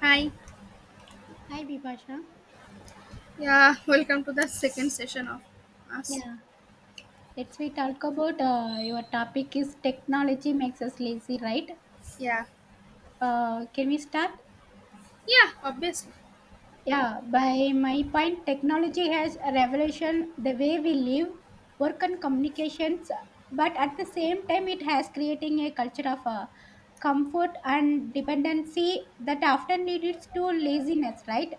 Hi. Hi, Bipasha. Yeah, welcome to the second session of us. Yeah, let's we talk about your topic is technology makes us lazy, right? Yeah. Can we start? Yeah, obviously. Yeah, by my point, technology has a revolution the way we live, work, and communications. But at the same time, it has creating a culture of comfort and dependency that often leads to laziness. Right?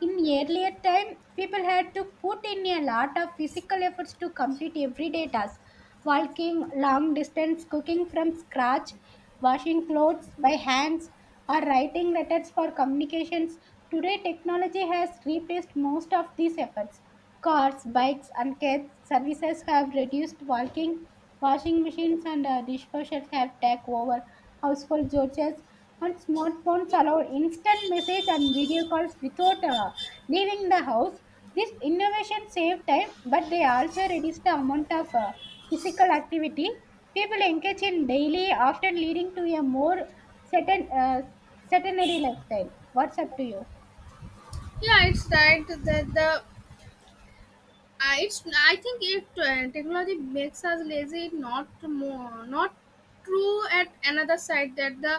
In earlier time, people had to put in a lot of physical efforts to complete everyday tasks, walking long distance, cooking from scratch, washing clothes by hands, or writing letters for communications. Today, technology has replaced most of these efforts. Cars, bikes, and cats services have reduced walking. Washing machines and dishwashers have taken over household chores, and smartphones allow instant message and video calls without leaving the house. This innovation save time, but they also reduce the amount of physical activity people engage in daily, often leading to a more certain sedentary lifestyle. What's up to you? Yeah, it's right that the I it's I think if technology makes us lazy, not more, not true at another side that the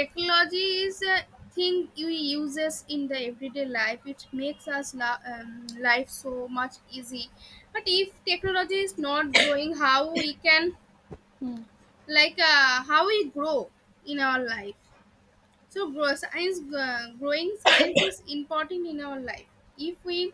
technology is a thing we uses in the everyday life. It makes us life so much easy. But if technology is not growing, how we can Hmm. like how we grow in our life? So, growing science is important in our life. If we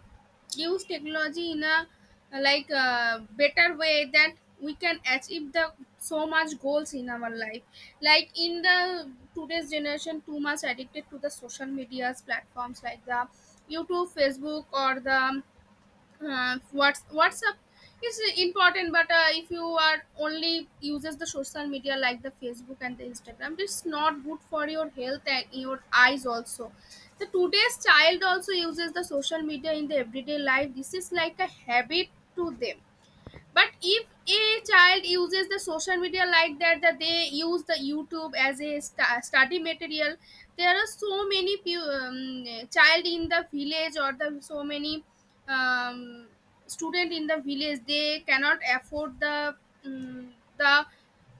use technology in a like a better way, that we can achieve the so much goals in our life. Like in the today's generation, too much addicted to the social medias platforms like the YouTube, Facebook, or the what's whatsapp is important but if you are only uses the social media like the facebook and the instagram, it's not good for your health and your eyes also. The today's child also uses the social media in the everyday life. This is like a habit to them. But if a child uses the social media like that that they use the youtube as a study material, there are so many child in the village, or the so many um, student in the village, they cannot afford the um, the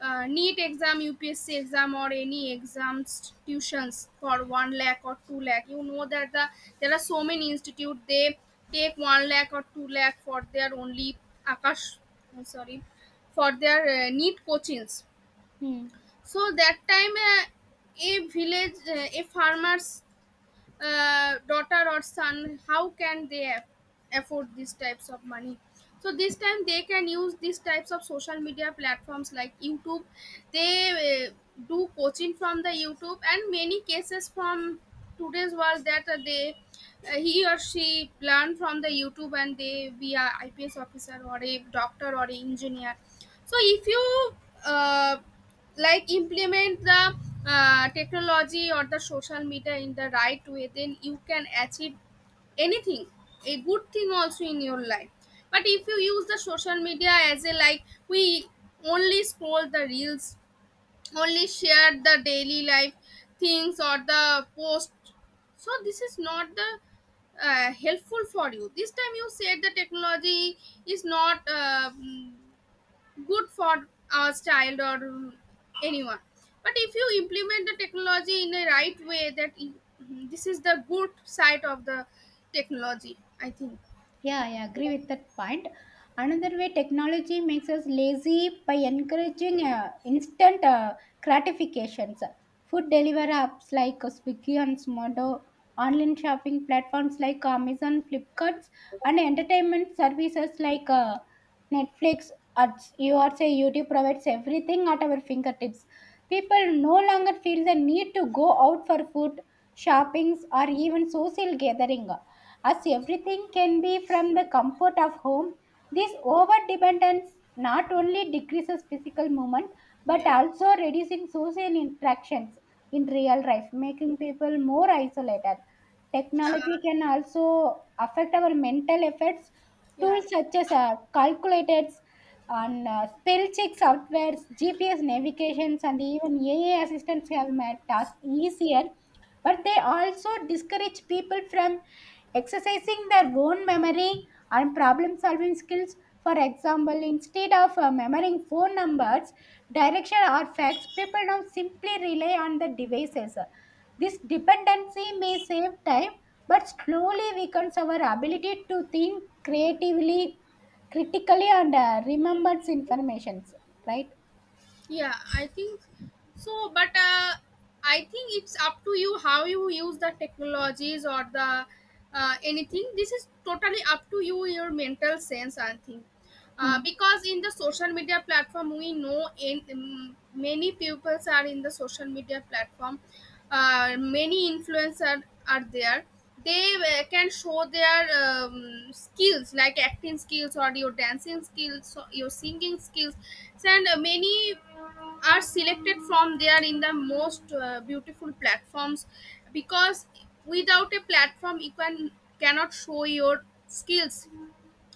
neat exam, upsc exam, or any exams tuitions for 1 lakh or 2 lakh. You know that the there are so many institute they take 1 lakh or 2 lakh for their only akash I sorry for their neat coachings. Hmm. So that time a village a farmers daughter or son, how can they afford these types of money? So this time they can use these types of social media platforms like youtube. They do coaching from the youtube, and many cases from today's world that they he or she learn from the youtube and they be a ips officer or a doctor or a engineer. So if you uh, like implement the technology or the social media in the right way, then you can achieve anything, a good thing also in your life. But if you use the social media as a like we only scroll the reels, only share the daily life things or the post, so this is not the helpful for you. This time you said the technology is not good for a child or anyone. But if you implement the technology in a right way, that this is the good side of the technology, I think. Yeah, I agree with that point. Another way technology makes us lazy by encouraging instant gratifications. Food delivery apps like Swiggy and Smodo, online shopping platforms like Amazon, Flipkarts, and entertainment services like Netflix or say YouTube provides everything at our fingertips. People no longer feel the need to go out for food, shoppings, or even social gathering as everything can be from the comfort of home, this overdependence not only decreases physical movement but Yeah. also reducing social interactions in real life, making people more isolated. Technology uh, can also affect our mental efforts. yeah, Tools such as calculators and spell check softwares, GPS navigations, and even AI assistants have made tasks easier but they also discourage people from exercising their own memory and problem solving skills. For example, instead of memorizing phone numbers, direction, or facts, people now simply rely on the devices. This dependency may save time but slowly weakens our ability to think creatively, critically, and remembers information. Right? yeah, I think so. But I think it's up to you how you use the technologies or the anything. This is totally up to you, your mental sense, I think. Hmm. Because in the social media platform, we know in many pupils are in the social media platform. Many influencers are there. They can show their skills like acting skills or your dancing skills or your singing skills. And many are selected from there in the most beautiful platforms, because without a platform you cannot show your skills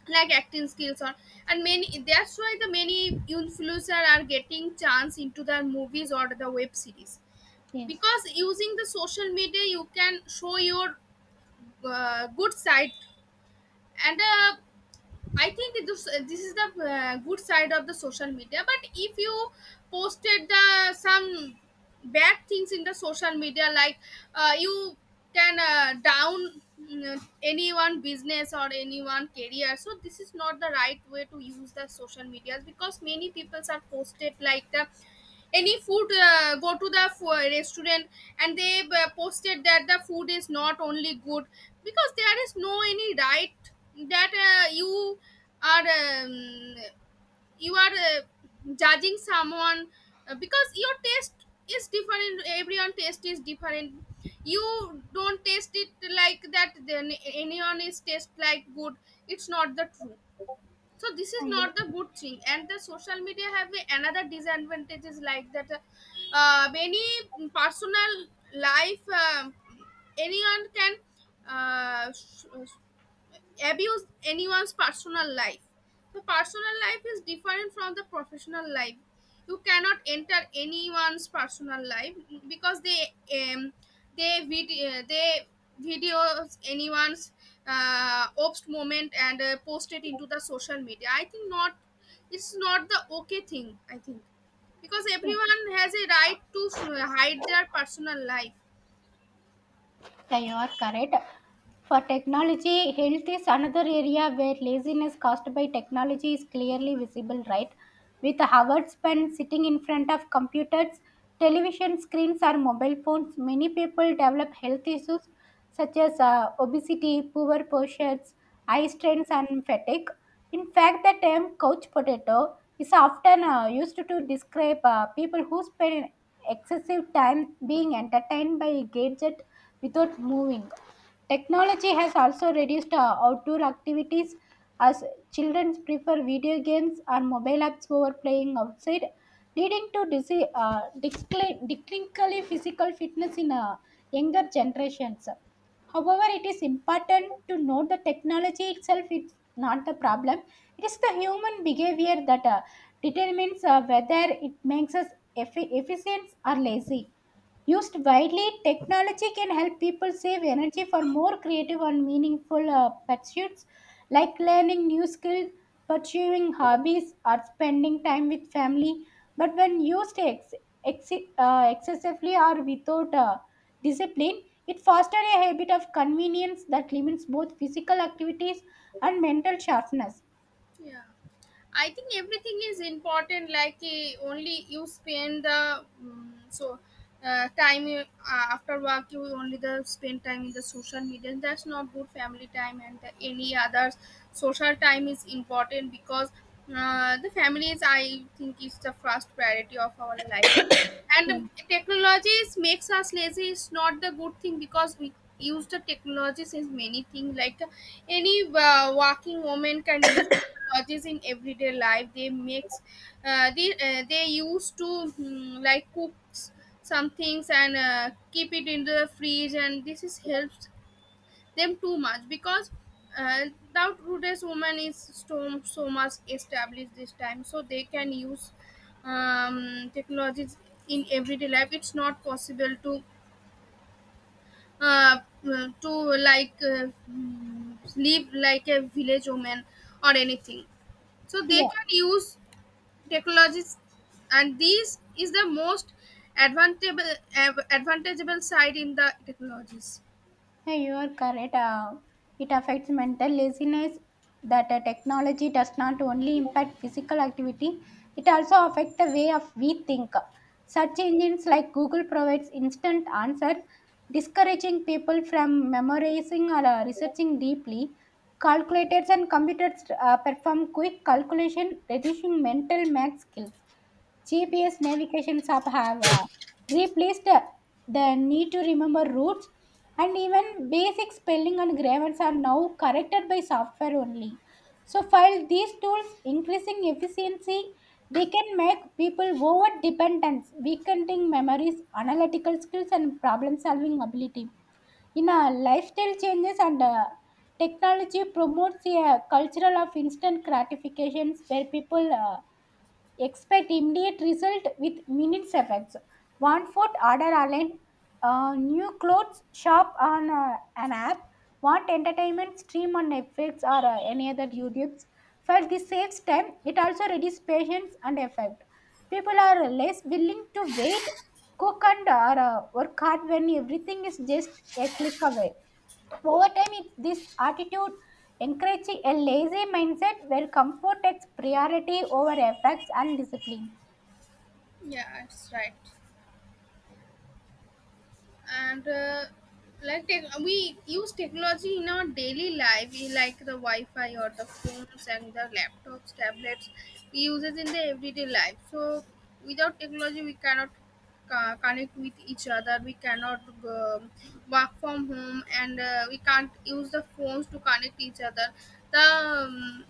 like acting skills on. And many, that's why the many influencer are getting chance into the movies or the web series, Yes. because using the social media you can show your good side. And I think this is the good side of the social media. But if you posted the some bad things in the social media, like you can down, mm, anyone business or anyone career. So this is not the right way to use the social medias, because many people are posted like the any food, go to the restaurant, and they posted that the food is not only good, because there is no any right that are um, you are judging someone, because your taste is different, everyone taste is different. You don't taste it like that, then anyone is taste like good, it's not the truth. So this is Thank you. not the good thing. And the social media have another disadvantage is like that many personal life, um, anyone can uh, sh- abuse anyone's personal life. The personal life is different from the professional life. You cannot enter anyone's personal life because they, um, they videos anyone's obst moment and post it into the social media. I think not. It's not the okay thing, I think, because everyone has a right to hide their personal life. Yeah, you are correct. For technology, health is another area where laziness caused by technology is clearly visible, right? With hours spent sitting in front of computers, television screens, or mobile phones, many people develop health issues such as obesity, poor postures, eye strains, and fatigue. In fact, the term couch potato is often used to describe people who spend excessive time being entertained by gadgets without moving. Technology has also reduced outdoor activities as children prefer video games or mobile apps over playing outside, leading to declining physical fitness in younger generations. However, it is important to note that technology itself is not the problem. It is the human behavior that determines whether it makes us efficient or lazy. Used widely, technology can help people save energy for more creative and meaningful pursuits like learning new skills, pursuing hobbies, or spending time with family. But when used ex- excessively or without discipline, it fosters a habit of convenience that limits both physical activities and mental sharpness. Yeah. I think everything is important. Like, eh, only you spend the, mm, so time you, after work you only the spend time in the social media. That's not good. Family time and the any other social time is important, because the family is, I think, is the first priority of our life. Yeah. And technologies makes us lazy is not the good thing, because we use the technologies in many things like, any working woman can use technologies in everyday life. They makes they used to, mm, like cooks some things and keep it in the fridge, and this is helps them too much, because uh, the today's woman is so, so much established this time, so they can use technologies in everyday life. It's not possible to uh, uh, to like, mm, live like a village woman or anything. So they Yeah. can use technologies, and this is the most advantageable advantageable side in the technologies. Yeah, you are correct. It affects mental laziness that technology does not only impact physical activity, it also affects the way of we think. Search engines like Google provides instant answer, discouraging people from memorizing or researching deeply. Calculators and computers perform quick calculation, reducing mental math skills. GPS navigation app have replaced the need to remember routes, and even basic spelling and grammars are now corrected by software only. So, while these tools increasing efficiency, they can make people over dependent, weakening memories, analytical skills, and problem solving ability. In a lifestyle changes and technology promotes a cultural of instant gratifications where people expect immediate result with minutes effects. One foot order online, new clothes shop on an app. Want entertainment stream on Netflix or any other YouTube's. First, this saves time. It also reduces patience and effort. People are less willing to wait, cook and or, work hard when everything is just a click away. Over time, it's this attitude encouraging a lazy mindset where comfort takes priority over effects and discipline. Yeah, that's right. And like we use technology in our daily life. We like the wi-fi or the phones and the laptops tablets, we use it in the everyday life. So without technology, we cannot connect with each other. We cannot, um, work from home, and we can't use the phones to connect each other. The,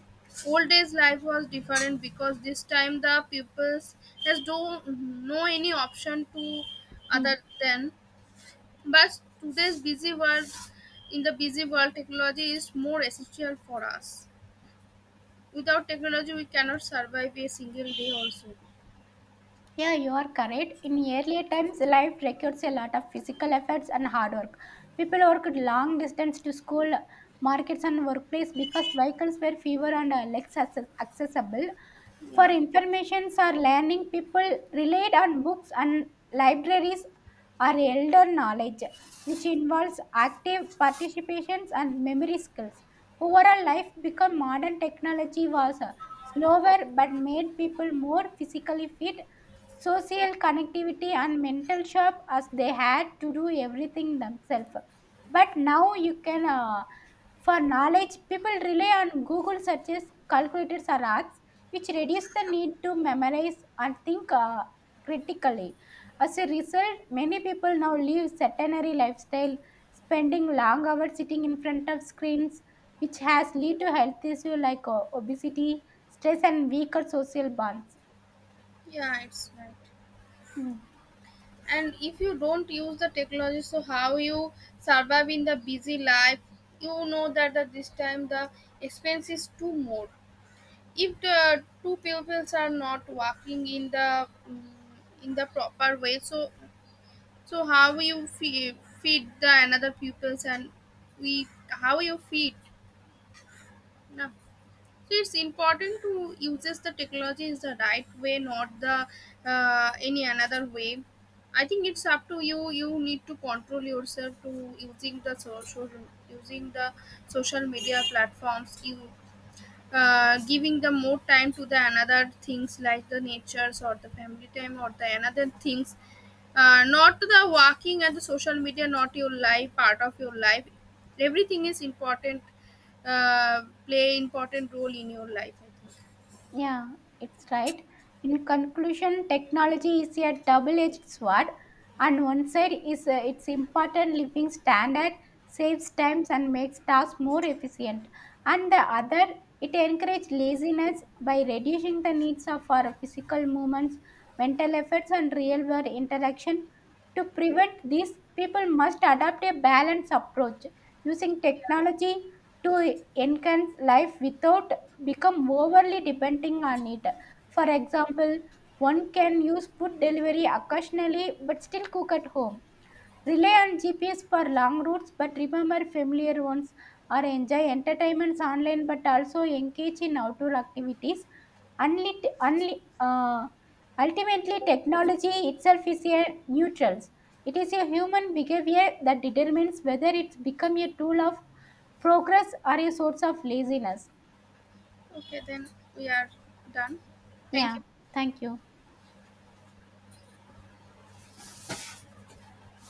old days life was different, because this time the pupils has no any option to Hmm. other than. But today's busy world, in the busy world, technology is more essential for us. Without technology, we cannot survive a single day. Also, Yeah, you are correct. In earlier times, life requires a lot of physical efforts and hard work. People worked long distance to school, markets, and workplace because vehicles were fewer and less accessible. For informations or learning, people relied on books and libraries or elder knowledge, which involves active participations and memory skills. Overall, life become modern technology was slower but made people more physically fit social connectivity and mental shop as they had to do everything themselves but now you can for knowledge people rely on google searches calculators or apps which reduce the need to memorize and think critically as a result many people now live sedentary lifestyle spending long hours sitting in front of screens which has lead to health issues like obesity stress and weaker social bonds. yeah, it's right. And if you don't use the technology, so how you survive in the busy life? You know that at this time the expense is too more. If the two pupils are not working in the, mm, in the proper way, so so how you feed the another pupils, and we how you feed? No. So it's important to uses the technology is the right way, not the any another way. I think it's up to you. You need to control yourself to using the social media platforms. You giving the more time to the another things like the natures or the family time or the another things, not to the working, and the social media not your life, part of your life. Everything is important, play important role in your life, I think. Yeah, it's right. In conclusion, technology is a double-edged sword. On one side, is its important living standard saves times and makes tasks more efficient. On the other, it encourages laziness by reducing the needs of our physical movements, mental efforts, and real-world interaction. To prevent this, people must adopt a balanced approach using technology to enhance life without become overly depending on it. For example, one can use food delivery occasionally but still cook at home. Rely on GPS for long routes but remember familiar ones or enjoy entertainments online but also engage in outdoor activities. Unlit, unli, uh, Ultimately, technology itself is a neutral. It is a human behavior that determines whether it's become a tool of progress or a source of laziness. Okay, then we are done. Thank Yeah, you. thank you.